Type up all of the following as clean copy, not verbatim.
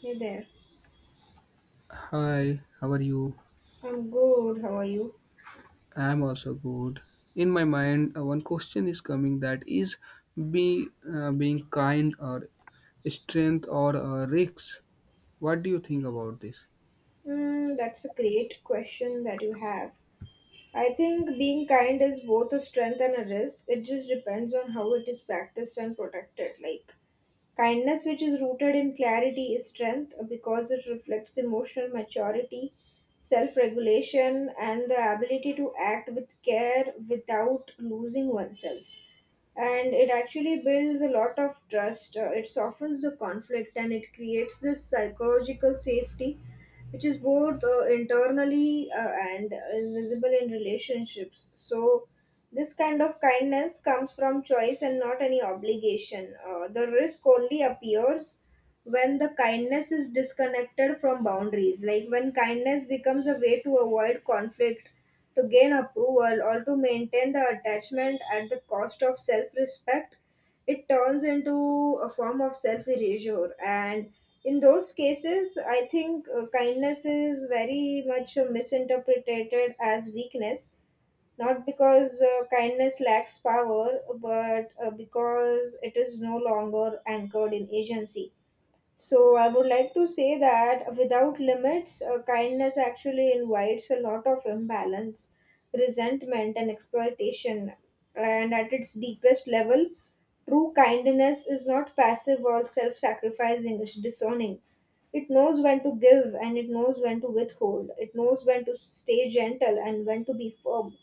Hey there. Hi, how are you? I'm good. How are you? I'm also good. In my mind, one question is coming that is be being kind or strength or risks. What do you think about this? Mm, that's a great question that you have. I think being kind is both a strength and a risk. It just depends on how it is practiced and protected. Kindness, which is rooted in clarity, is strength because it reflects emotional maturity, self regulation, and the ability to act with care without losing oneself. And it actually builds a lot of trust. It softens the conflict and it creates this psychological safety which is both internally and is visible in relationships. So, this kind of kindness comes from choice and not any obligation. The risk only appears when the kindness is disconnected from boundaries, like when kindness becomes a way to avoid conflict, to gain approval, or to maintain the attachment at the cost of self respect. It turns into a form of self erasure, and in those cases I think kindness is very much misinterpreted as weakness, not because kindness lacks power, but because it is no longer anchored in agency. So I would like to say that without limits, kindness actually invites a lot of imbalance, resentment, and exploitation. And at its deepest level, true kindness is not passive or self sacrificing, it's discerning. It knows when to give and it knows when to withhold. It knows when to stay gentle and when to be firm.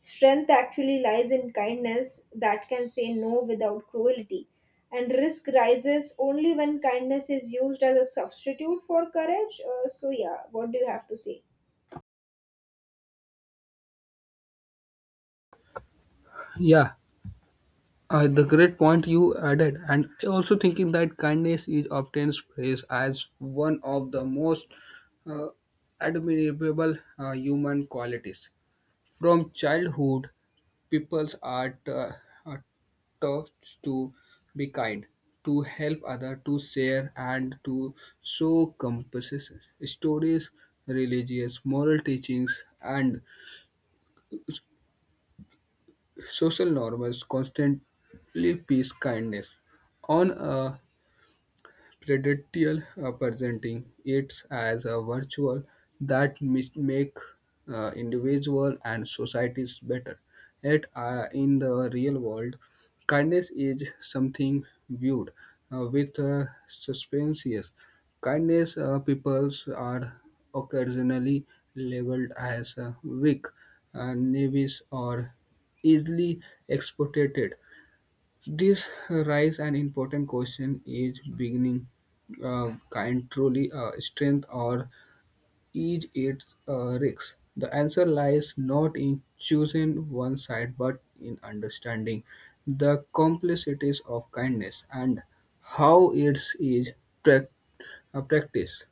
Strength actually lies in kindness that can say no without cruelty. And risk rises only when kindness is used as a substitute for courage. So, yeah, what do you have to say? Yeah, the great point you added, and I also thinking that kindness is often praised as one of the most uh, admirable human qualities from childhood. People's are taught to be kind, to help others, to share, and to show compassion. Stories, religious, moral teachings, and social norms constantly peace kindness. On a Predatial, presenting it as a virtue that make individual and societies better. Yet, in the real world, kindness is something viewed with suspense. Kindness, peoples are occasionally labeled as weak, knaves, or easily exploited. This raises an important question: Is beginning kind truly a strength, or is it a risk? The answer lies not in choosing one side, but in understanding the complexities of kindness and how it is prac- practiced.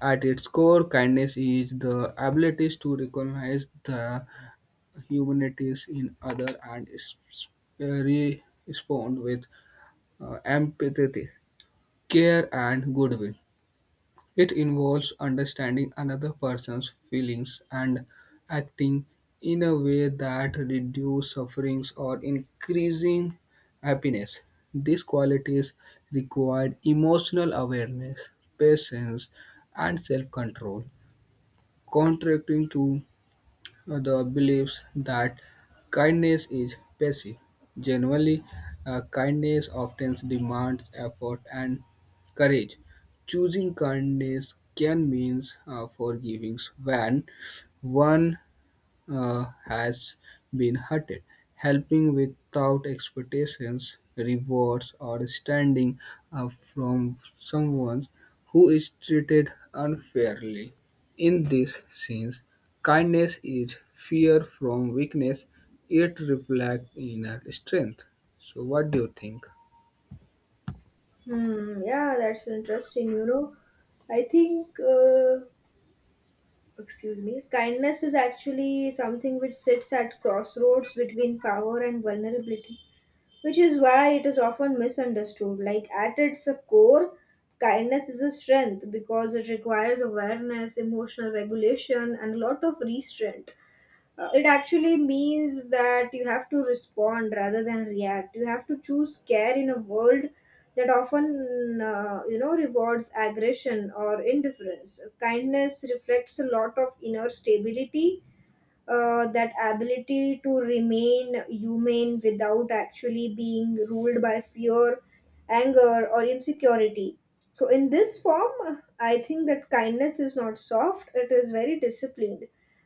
At its core, kindness is the ability to recognize the humanities in other and uh, respond with empathy, care, and goodwill. It involves understanding another person's feelings and acting in a way that reduces sufferings or increasing happiness. These qualities require emotional awareness, patience, and self-control, contracting to the beliefs that kindness is passive. Generally, kindness often demands effort and courage. Choosing kindness can mean forgiving when one has been hurted. Helping without expectations, rewards, or standing up from someone who is treated unfairly. In these scenes, kindness is fear from weakness, it reflects inner strength. So, what do you think? Hmm, yeah, that's interesting. You know, I think, excuse me, kindness is actually something which sits at crossroads between power and vulnerability, which is why it is often misunderstood. Like at its core, kindness is a strength because it requires awareness, emotional regulation, and a lot of restraint. It actually means that you have to respond rather than react. You have to choose care in a world that often, you know, rewards aggression or indifference. Kindness reflects a lot of inner stability, that ability to remain human without actually being ruled by fear, anger, or insecurity. So, in this form, I think that kindness is not soft, it is very disciplined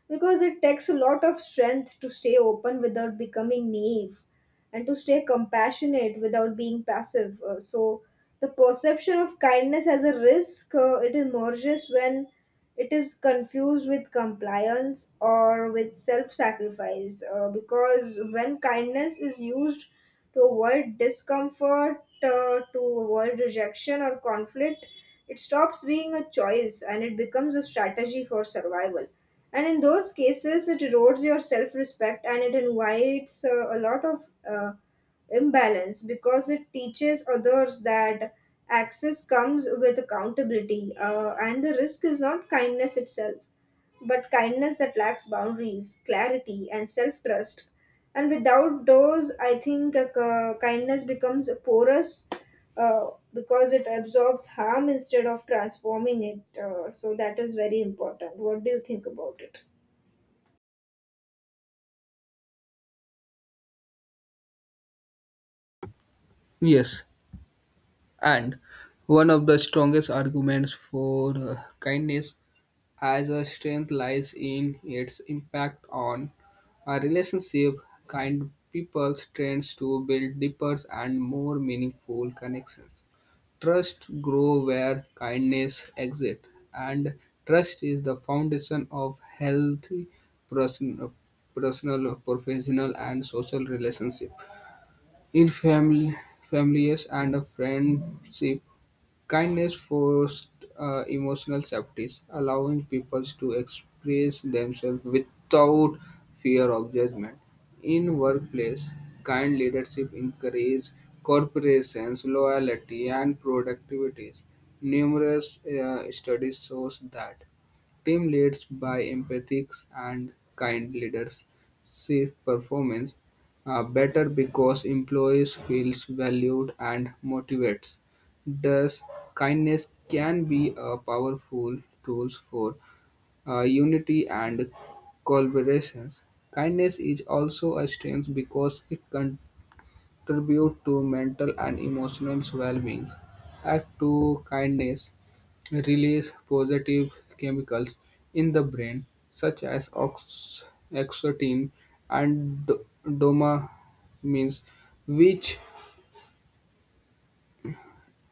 because it takes a lot of strength to stay open without becoming naive, and to stay compassionate without being passive. So, the perception of kindness as a risk it emerges when it is confused with compliance or with self-sacrifice. Because when kindness is used to avoid discomfort, to avoid rejection or conflict, it stops being a choice and it becomes a strategy for survival. And in those cases, it erodes your self respect and it invites a lot of uh, imbalance, because it teaches others that access comes with accountability. And the risk is not kindness itself, but kindness that lacks boundaries, clarity, and self trust. And without those, I think kindness becomes porous. Because it absorbs harm instead of transforming it. So, that is very important. What do you think about it? Yes, and one of the strongest arguments for kindness as a strength lies in its impact on a relationship. Kind people tends to build deeper and more meaningful connections. Trust grows where kindness exists, and trust is the foundation of healthy person, personal, professional, and social relationship. In families and friendship, kindness forced emotional safety, allowing people to express themselves without fear of judgment. In workplace, kind leadership encourages corporations, loyalty, and productivity. Numerous studies shows that team leads by empathic and kind leaders see performance better because employees feels valued and motivated. Thus, kindness can be a powerful tool for unity and collaboration. Kindness is also a strength because it contributes to mental and emotional well-being. Act to kindness release positive chemicals in the brain, such as oxytocin and dopamine, which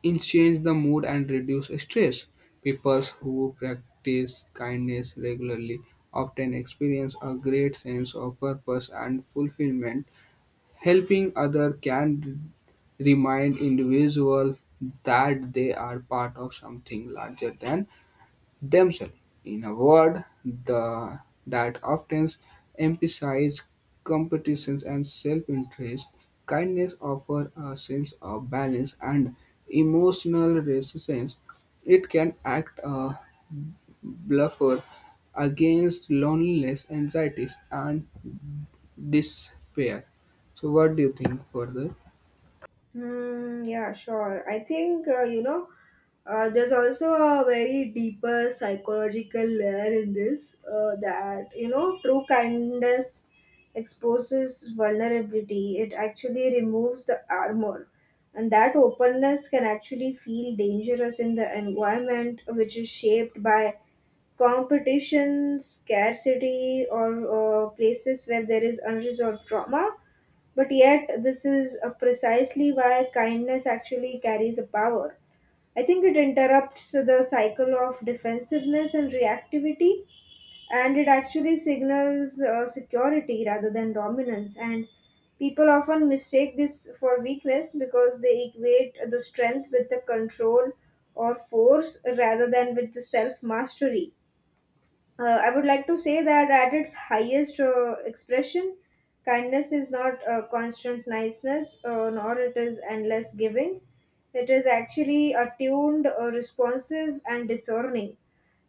it changes the mood and reduce stress. People who practice kindness regularly often experience a great sense of purpose and fulfillment. Helping others can remind individuals that they are part of something larger than themselves, in a word the, that often emphasise competition and self-interest. Kindness offers a sense of balance and emotional resistance. It can act a bluffer against loneliness, anxieties, and despair. So, what do you think further? Hmm, yeah, sure. I think, you know, there's also a very deeper psychological layer in this, that, you know, true kindness exposes vulnerability. It actually removes the armor. And that openness can actually feel dangerous in the environment which is shaped by competition, scarcity, or places where there is unresolved trauma, but yet, this is precisely why kindness actually carries a power. I think it interrupts the cycle of defensiveness and reactivity, and it actually signals security rather than dominance. And people often mistake this for weakness because they equate the strength with the control or force rather than with the self mastery. I would like to say that at its highest expression, kindness is not a constant niceness, nor it is endless giving. It is actually attuned, responsive, and discerning.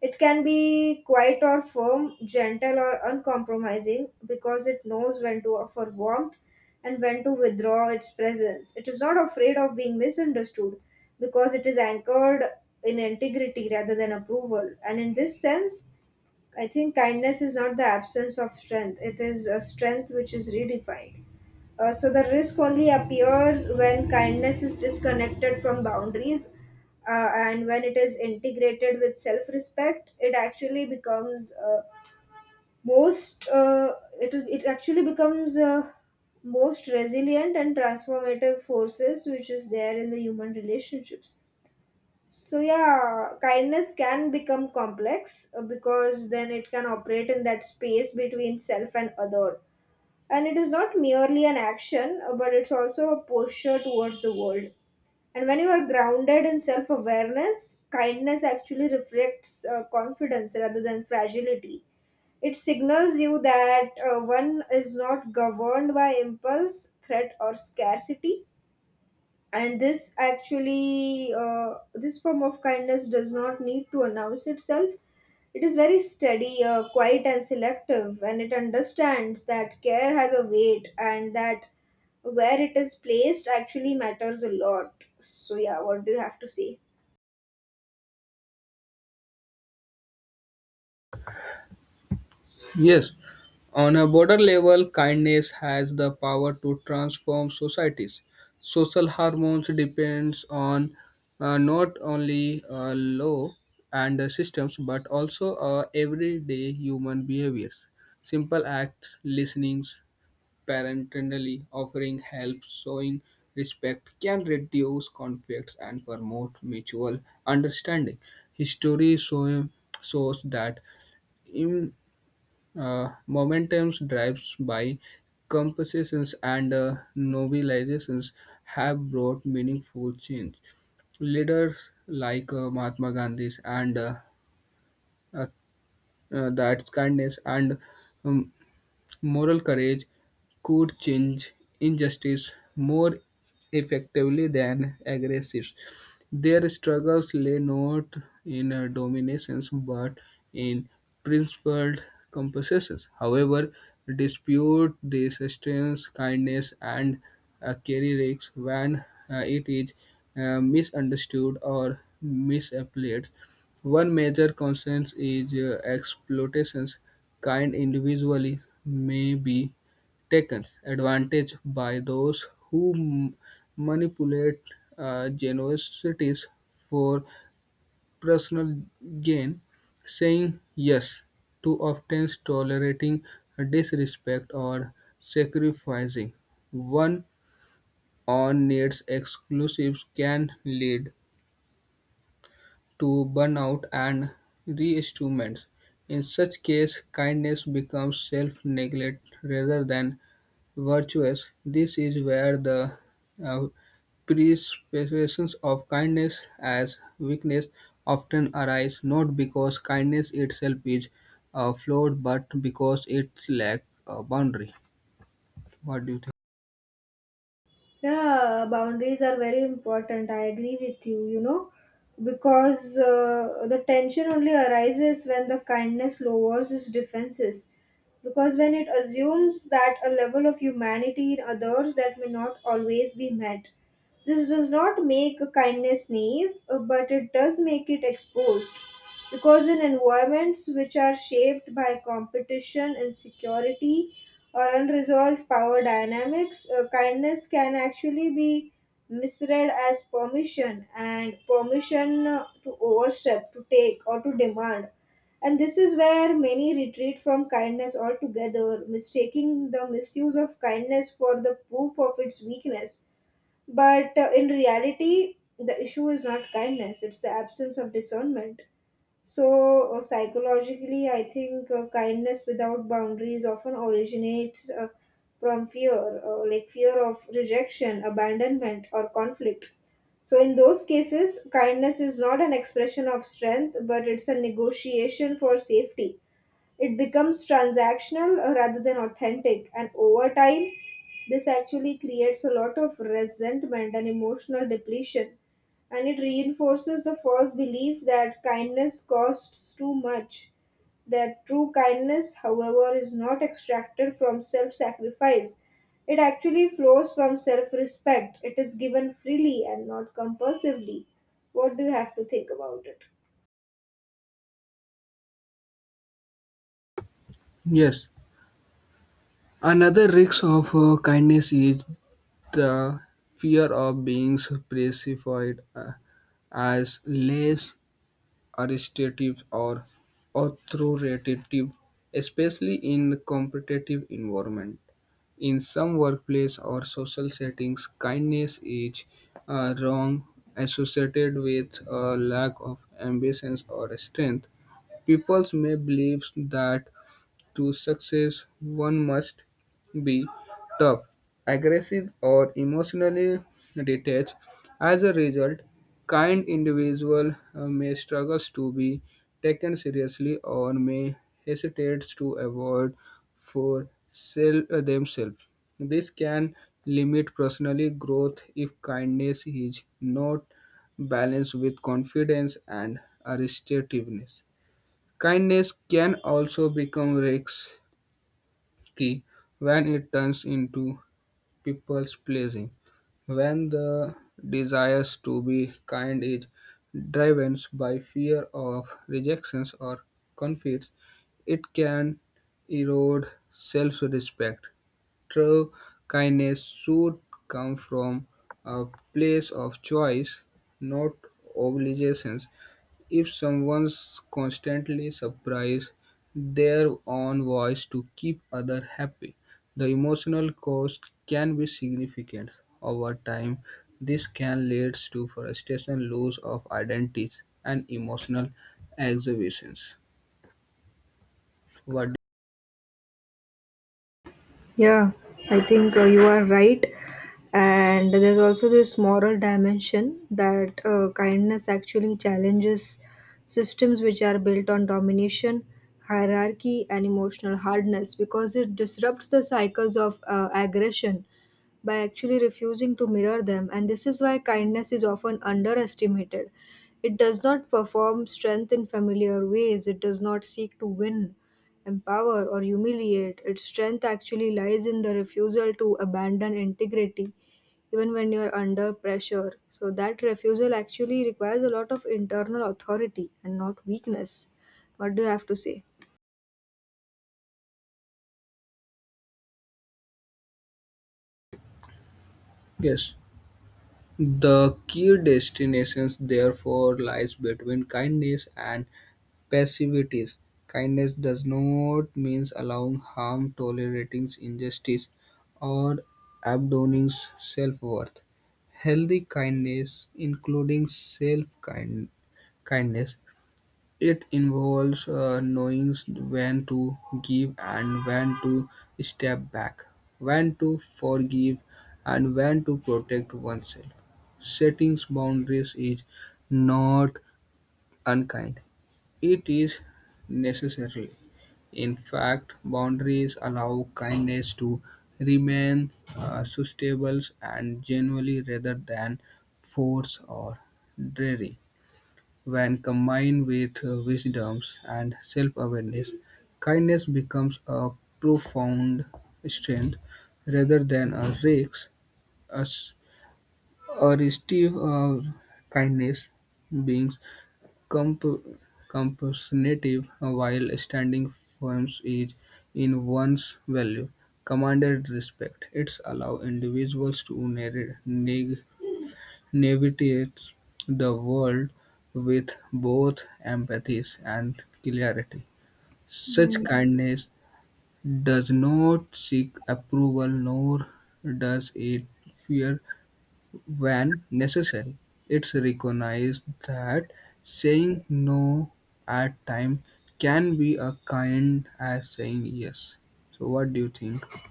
It can be quiet or firm, gentle or uncompromising, because it knows when to offer warmth and when to withdraw its presence. It is not afraid of being misunderstood because it is anchored in integrity rather than approval. And in this sense, I think kindness is not the absence of strength, it is a strength which is redefined. So the risk only appears when kindness is disconnected from boundaries, and when it is integrated with self-respect, it actually becomes most it, it actually becomes most resilient and transformative forces which is there in the human relationships. So yeah, kindness can become complex because then it can operate in that space between self and other. And it is not merely an action, but it's also a posture towards the world. And when you are grounded in self awareness, kindness actually reflects confidence rather than fragility. It signals you that one is not governed by impulse, threat, or scarcity, and this form of kindness does not need to announce itself. It is very steady, quiet and selective, and it understands that care has a weight and that where it is placed actually matters a lot. So yeah, what do you have to say? Yes, on a broader level, kindness has the power to transform societies. Social hormones depends on not only law and the systems but also everyday human behaviors. Simple acts, listenings, parentally offering help, showing respect can reduce conflicts and promote mutual understanding. Shows that, Momentum's drives-by compositions and novelizations have brought meaningful change. Leaders like Mahatma Gandhi and uh, that kindness and um, moral courage could change injustice more effectively than aggression. Their struggles lay not in dominations but in principled compensations. However, dispute this strength, kindness, and carry risks when it is misunderstood or misapplied. One major concern is exploitation. Kind individuals may be taken advantage by those who manipulate generosities for personal gain, saying yes to often tolerating disrespect or sacrificing one on needs exclusives can lead to burnout and reinstruments. In such case, kindness becomes self-neglect rather than virtuous. This is where the uh, presence of kindness as weakness often arise not because kindness itself is flawed but because it lacks a boundary. What do you think? Yeah, boundaries are very important. I agree with you, you know, because the tension only arises when the kindness lowers its defenses. Because when it assumes that a level of humanity in others that may not always be met, this does not make a kindness naive, but it does make it exposed. Because in environments which are shaped by competition, insecurity, or unresolved power dynamics, kindness can actually be misread as permission, and permission to overstep, to take, or to demand. And this is where many retreat from kindness altogether, mistaking the misuse of kindness for the proof of its weakness. But in reality, the issue is not kindness, it's the absence of discernment. So, psychologically, I think kindness without boundaries often originates from fear, like fear of rejection, abandonment, or conflict. So, in those cases, kindness is not an expression of strength, but it's a negotiation for safety. It becomes transactional rather than authentic, and over time this actually creates a lot of resentment and emotional depletion, and it reinforces the false belief that kindness costs too much. That true kindness however is not extracted from self-sacrifice, it actually flows from self-respect. It is given freely and not compulsively. What do you have to think about it? Yes. Another risk of kindness is the fear of being perceived uh, as less authoritative or authoritative, especially in competitive environment. In some workplace or social settings, kindness is wrong associated with a lack of ambition or strength. People may believe that to success, one must be tough, aggressive, or emotionally detached. As a result, kind individual may struggle to be taken seriously or may hesitate to avoid for sell themselves. This can limit personal growth if kindness is not balanced with confidence and assertiveness. Kindness can also become risks key when it turns into people's pleasing. When the desires to be kind is driven by fear of rejections or conflicts, it can erode self-respect. True kindness should come from a place of choice, not obligation. If someone's constantly surprises their own voice to keep others happy, the emotional cost can be significant. Over time, this can lead to frustration, loss of identities, and emotional exhibitions. What? Yeah, I think you are right. And there's also this moral dimension that kindness actually challenges systems which are built on domination, hierarchy, and emotional hardness, because it disrupts the cycles of aggression by actually refusing to mirror them, and this is why kindness is often underestimated. It does not perform strength in familiar ways, it does not seek to win, empower, or humiliate. Its strength actually lies in the refusal to abandon integrity even when you're under pressure. So, that refusal actually requires a lot of internal authority and not weakness. What do you have to say? Yes, the key destinations therefore lies between kindness and passivities. Kindness does not mean allowing harm, tolerating injustice, or abandoning self-worth. Healthy kindness, including self-kindness, it involves knowing when to give and when to step back, when to forgive, and when to protect oneself. Setting boundaries is not unkind. It is necessary; in fact, boundaries allow kindness to remain sustainable and genuine rather than force or dreary. When combined with wisdom and self-awareness, kindness becomes a profound strength rather than a risk. A, s- a restive kindness beings Comp- compulsive, while standing firm each in one's value, commanded respect. It allowed individuals to na- navigate the world with both empathy and clarity. Such kindness does not seek approval nor does it fear when necessary, it's recognized that saying no at times can be a kind as saying yes. So, what do you think?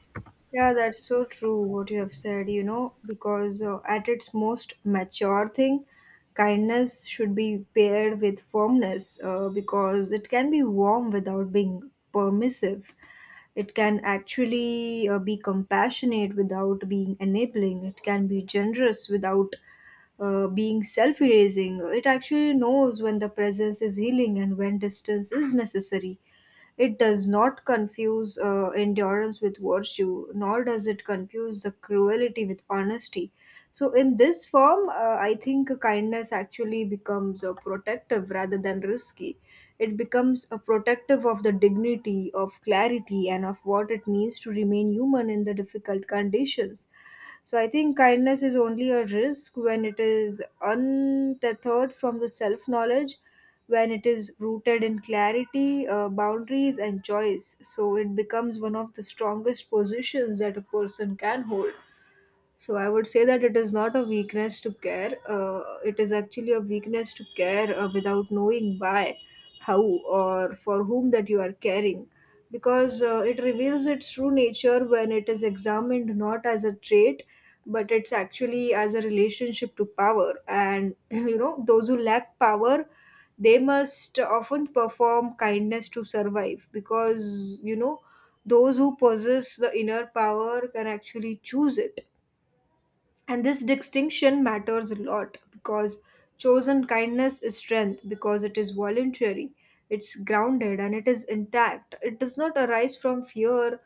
Yeah, that's so true what you have said, you know, because at its most mature thing, kindness should be paired with firmness because it can be warm without being permissive. It can actually be compassionate without being enabling. It can be generous without being self erasing. It actually knows when the presence is healing and when distance is necessary. It does not confuse endurance with virtue, nor does it confuse the cruelty with honesty. So, in this form, I think kindness actually becomes protective rather than risky. It becomes a protective of the dignity, of clarity, and of what it means to remain human in the difficult conditions. So I think kindness is only a risk when it is untethered from the self knowledge, when it is rooted in clarity, boundaries, and choice. So it becomes one of the strongest positions that a person can hold. So I would say that it is not a weakness to care. It is actually a weakness to care without knowing why, how, or for whom that you are caring, because it reveals its true nature when it is examined not as a trait, but it's actually as a relationship to power. And you know, those who lack power, they must often perform kindness to survive, because you know, those who possess the inner power can actually choose it, and this distinction matters a lot because chosen kindness is strength because it is voluntary, it's grounded, and it is intact. It does not arise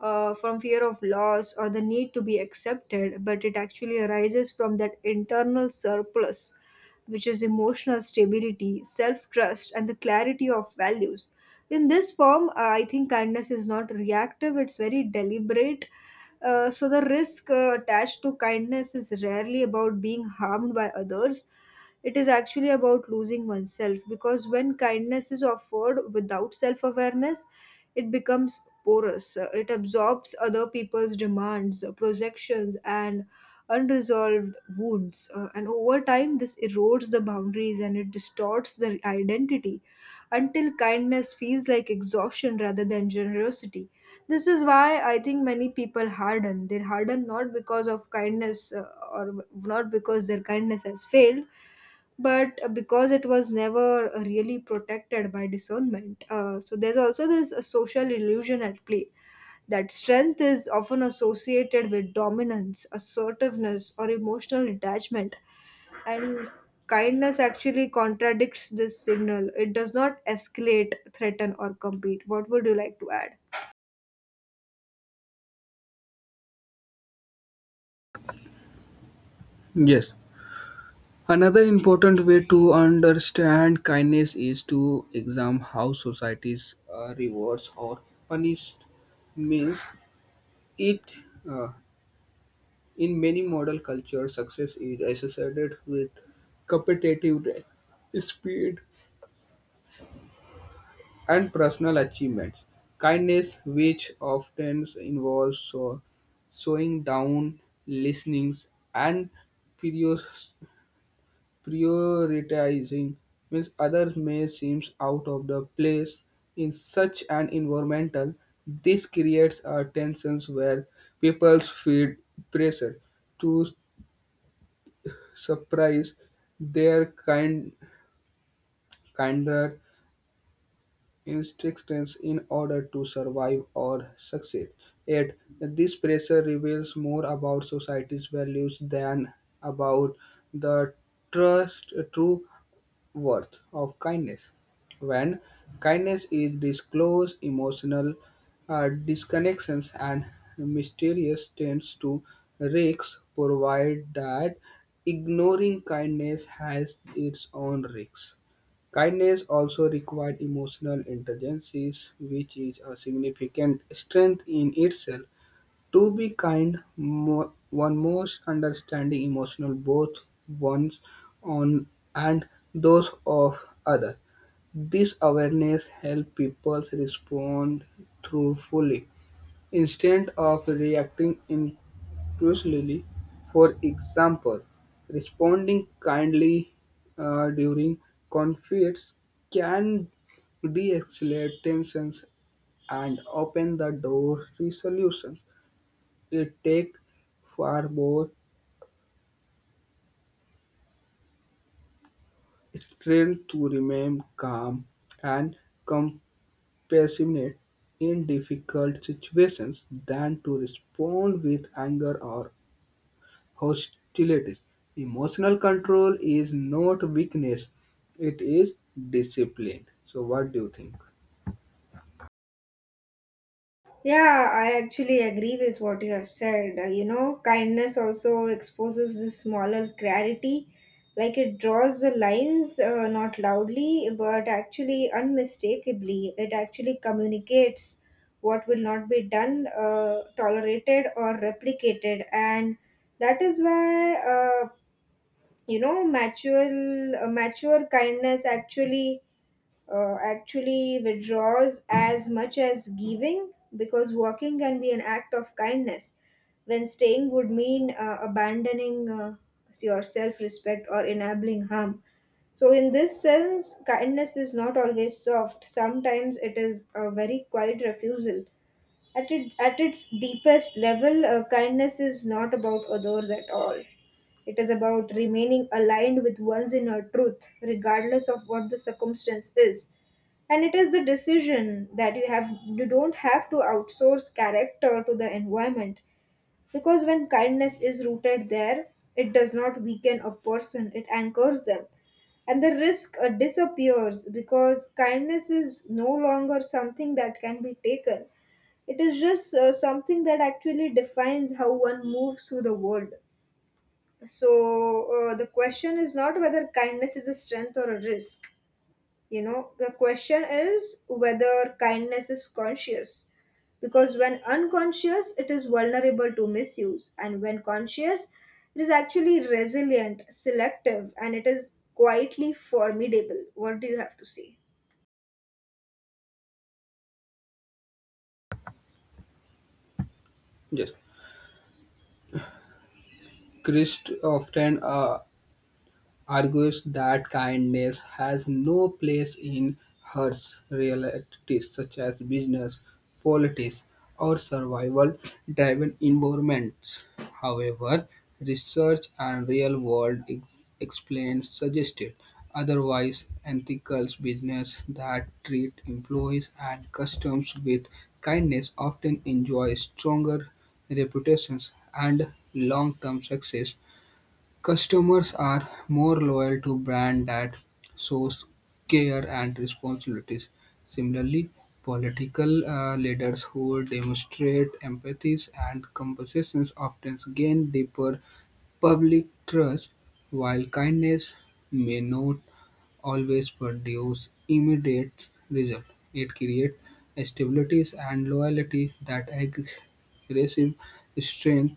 from fear of loss or the need to be accepted, but it actually arises from that internal surplus, which is emotional stability, self trust, and the clarity of values. In this form, I think kindness is not reactive, it's very deliberate. So the risk attached to kindness is rarely about being harmed by others. It is actually about losing oneself because when kindness is offered without self awareness, it becomes porous. It absorbs other people's demands, projections, and unresolved wounds. And over time, this erodes the boundaries and it distorts the identity until kindness feels like exhaustion rather than generosity. This is why I think many people harden. They harden not because of kindness, or not because their kindness has failed, but because it was never really protected by discernment. So there's also this social illusion at play that strength is often associated with dominance, assertiveness, or emotional detachment. And kindness actually contradicts this signal. It does not escalate, threaten, or compete. What would you like to add? Yes. Another important way to understand kindness is to examine how societies rewards or punish means it, uh, in many modern cultures success is associated with competitive speed and personal achievements. Kindness, which often involves slowing down, listening, and prior- prioritizing, means others may seem out of the place in such an environmental. This creates a tension where people feel pressure to surprise their kinder institutions in order to survive or succeed. Yet, this pressure reveals more about society's values than about the true worth of kindness. When kindness is disclosed, emotional disconnections and mysterious tends to risks provide that ignoring kindness has its own risks. Kindness also required emotional intelligence, which is a significant strength in itself. To be kind, one must understand emotional both one's own and those of others. This awareness helps people respond truthfully instead of reacting impulsively. For example, responding kindly during conflicts can de-escalate tensions and open the door to solutions. It takes far more strength to remain calm and compassionate in difficult situations than to respond with anger or hostilities. Emotional control is not weakness, it is discipline. So, what do you think? Yeah, I actually agree with what you have said. You know, kindness also exposes this smaller clarity, like it draws the lines not loudly but actually unmistakably. It actually communicates what will not be done, tolerated, or replicated, and that is why, you know, mature kindness actually withdraws as much as giving, because walking can be an act of kindness when staying would mean abandoning your self respect or enabling harm. So, in this sense, kindness is not always soft. Sometimes it is a very quiet refusal. At its deepest level, kindness is not about others at all. It is about remaining aligned with one's inner truth, regardless of what the circumstance is. And it is the decision that you don't have to outsource character to the environment. Because when kindness is rooted there, it does not weaken a person, it anchors them. And the risk disappears because kindness is no longer something that can be taken. It is just something that actually defines how one moves through the world. So, the question is not whether kindness is a strength or a risk. You know, the question is whether kindness is conscious. Because when unconscious, it is vulnerable to misuse. And when conscious, it is actually resilient, selective, and it is quietly formidable. What do you have to say? Yes, Christ often argues that kindness has no place in harsh realities such as business, politics, or survival-driven environments. However, research and real-world explains suggested otherwise ethical business that treat employees and customers with kindness often enjoy stronger reputations and long-term success. Customers are more loyal to brands that shows care and responsibilities. Similarly, political leaders who demonstrate empathy and compassion often gain deeper public trust, while kindness may not always produce immediate results, it creates stability and loyalty that aggressive strength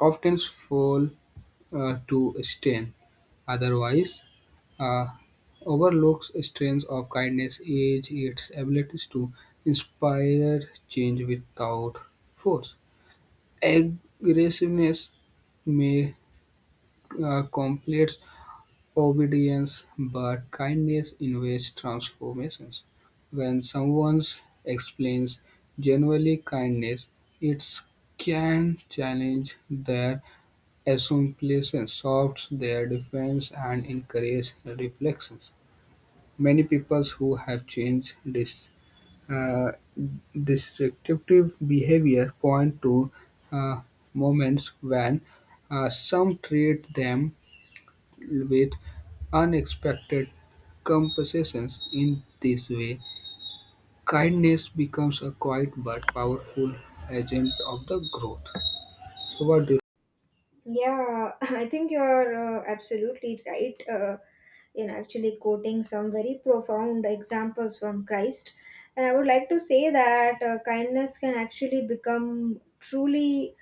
often fall to strain. Otherwise, uh, overlooks strength of kindness is its ability to inspire change without force. Aggressiveness may completes obedience, but kindness invites transformations. When someone explains genuinely kindness, it can challenge their assumptions, softs their defense, and encourage reflections. Many people who have changed this uh, destructive behavior point to uh, moments when some treat them with unexpected compensations. In this way, kindness becomes a quiet but powerful agent of the growth. So what do you? Yeah, I think you're absolutely right in actually quoting some very profound examples from Christ. And I would like to say that kindness can actually become truly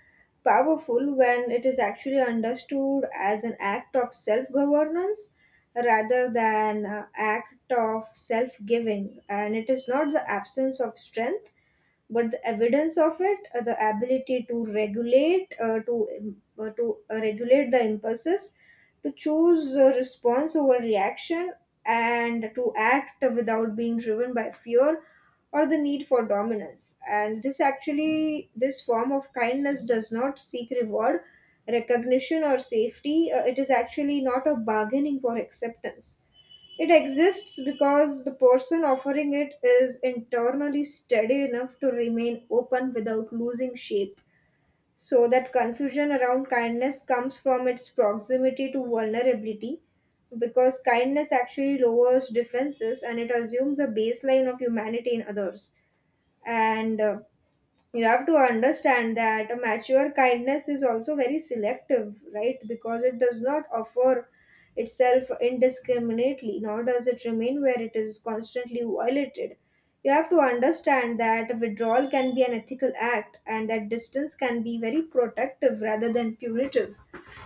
powerful when it is actually understood as an act of self governance rather than an act of self giving. And it is not the absence of strength but the evidence of it, the ability to regulate, to im- to regulate the impulses, to choose response over reaction, and to act without being driven by fear or the need for dominance. And this form of kindness does not seek reward, recognition, or safety. It is actually not a bargaining for acceptance. It exists because the person offering it is internally steady enough to remain open without losing shape. So, that confusion around kindness comes from its proximity to vulnerability, because kindness actually lowers defenses and it assumes a baseline of humanity in others. And you have to understand that a mature kindness is also very selective, right? Because it does not offer itself indiscriminately, nor does it remain where it is constantly violated. You have to understand that withdrawal can be an ethical act and that distance can be very protective rather than punitive.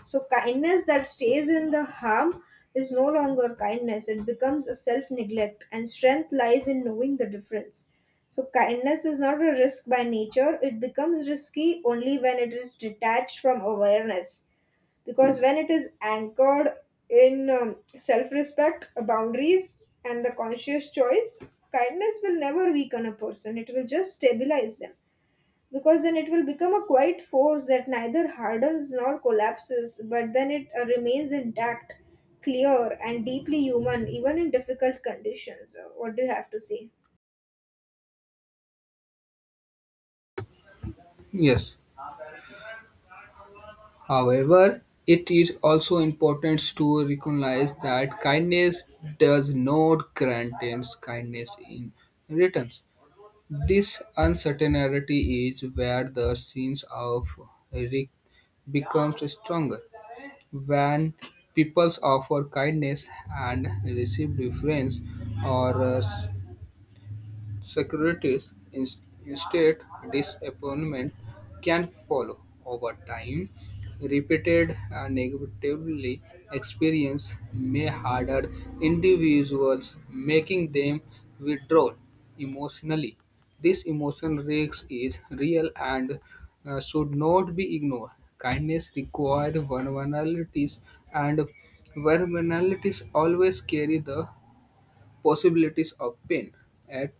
So, kindness that stays in the harm is no longer kindness, it becomes a self neglect, and strength lies in knowing the difference. So, kindness is not a risk by nature, it becomes risky only when it is detached from awareness. Because when it is anchored in self respect, boundaries, and the conscious choice, kindness will never weaken a person, it will just stabilize them, because then it will become a quiet force that neither hardens nor collapses, but then it remains intact, clear, and deeply human, even in difficult conditions. What do you have to say? Yes. However, it is also important to recognize that kindness does not grant kindness in returns. This uncertainty is where the sense of risk becomes stronger, when people offer kindness and receive deference or respect. Securities in instead disappointment can follow. Over time, repeated negatively experience may harder individuals, making them withdraw emotionally. This emotion risk is real and should not be ignored. Kindness requires vulnerabilities, and vulnerabilities always carry the possibilities of pain. At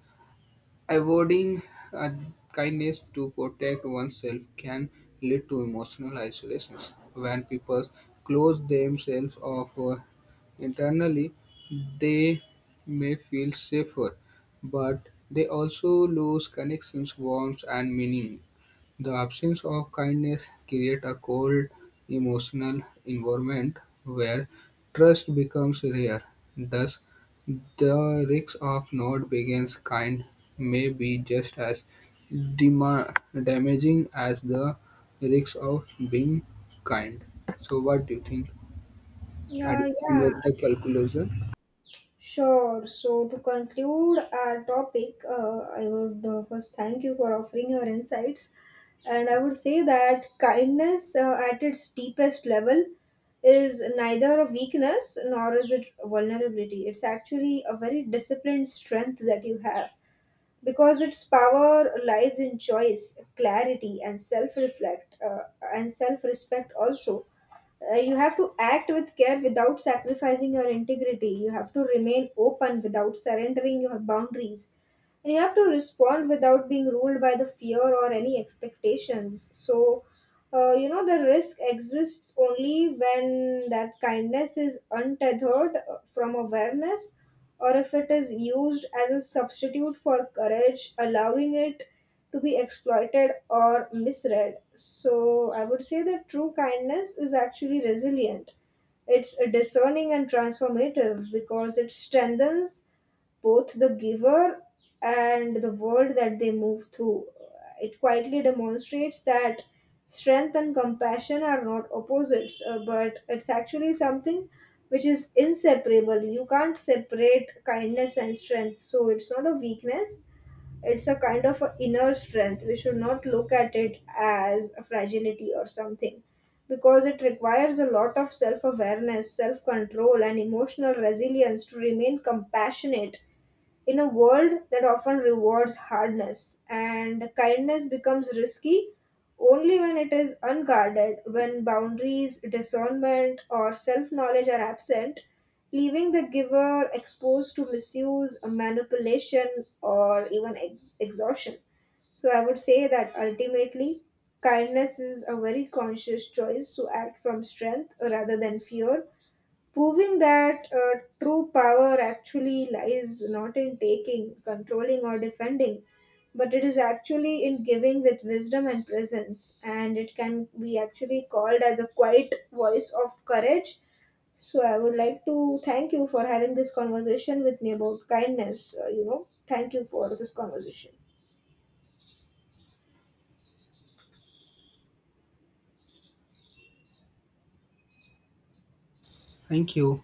avoiding uh, kindness to protect oneself can lead to emotional isolation. When people close themselves off internally, they may feel safer, but they also lose connections, warmth, and meaning. The absence of kindness creates a cold emotional environment where trust becomes rare. Thus, the risk of not being kind may be just as dema- damaging as the risk of being kind. So what do you think at Yeah, the end yeah. of the calculation? Sure. So, to conclude our topic, I would first thank you for offering your insights, and I would say that kindness, at its deepest level, is neither a weakness nor is it vulnerability. It's actually a very disciplined strength that you have, because its power lies in choice, clarity, and self-reflect and self-respect also. You have to act with care without sacrificing your integrity. You have to remain open without surrendering your boundaries, and you have to respond without being ruled by the fear or any expectations. So, you know, the risk exists only when that kindness is untethered from awareness, or if it is used as a substitute for courage, allowing it to be exploited or misread. So I would say that true kindness is actually resilient, it's discerning and transformative, because it strengthens both the giver and the world that they move through. It quietly demonstrates that strength and compassion are not opposites, but it's actually something which is inseparable. You can't separate kindness and strength, so it's not a weakness, it's a kind of a inner strength. We should not look at it as a fragility or something, because it requires a lot of self awareness, self control, and emotional resilience to remain compassionate in a world that often rewards hardness. And kindness becomes risky only when it is unguarded, when boundaries, discernment, or self knowledge are absent, leaving the giver exposed to misuse, manipulation, or even exhaustion. So I would say that ultimately, kindness is a very conscious choice to act from strength rather than fear, proving that true power actually lies not in taking, controlling, or defending, but it is actually in giving with wisdom and presence. And it can be actually called as a quiet voice of courage. So I would like to thank you for having this conversation with me about kindness. You know, thank you for this conversation. Thank you.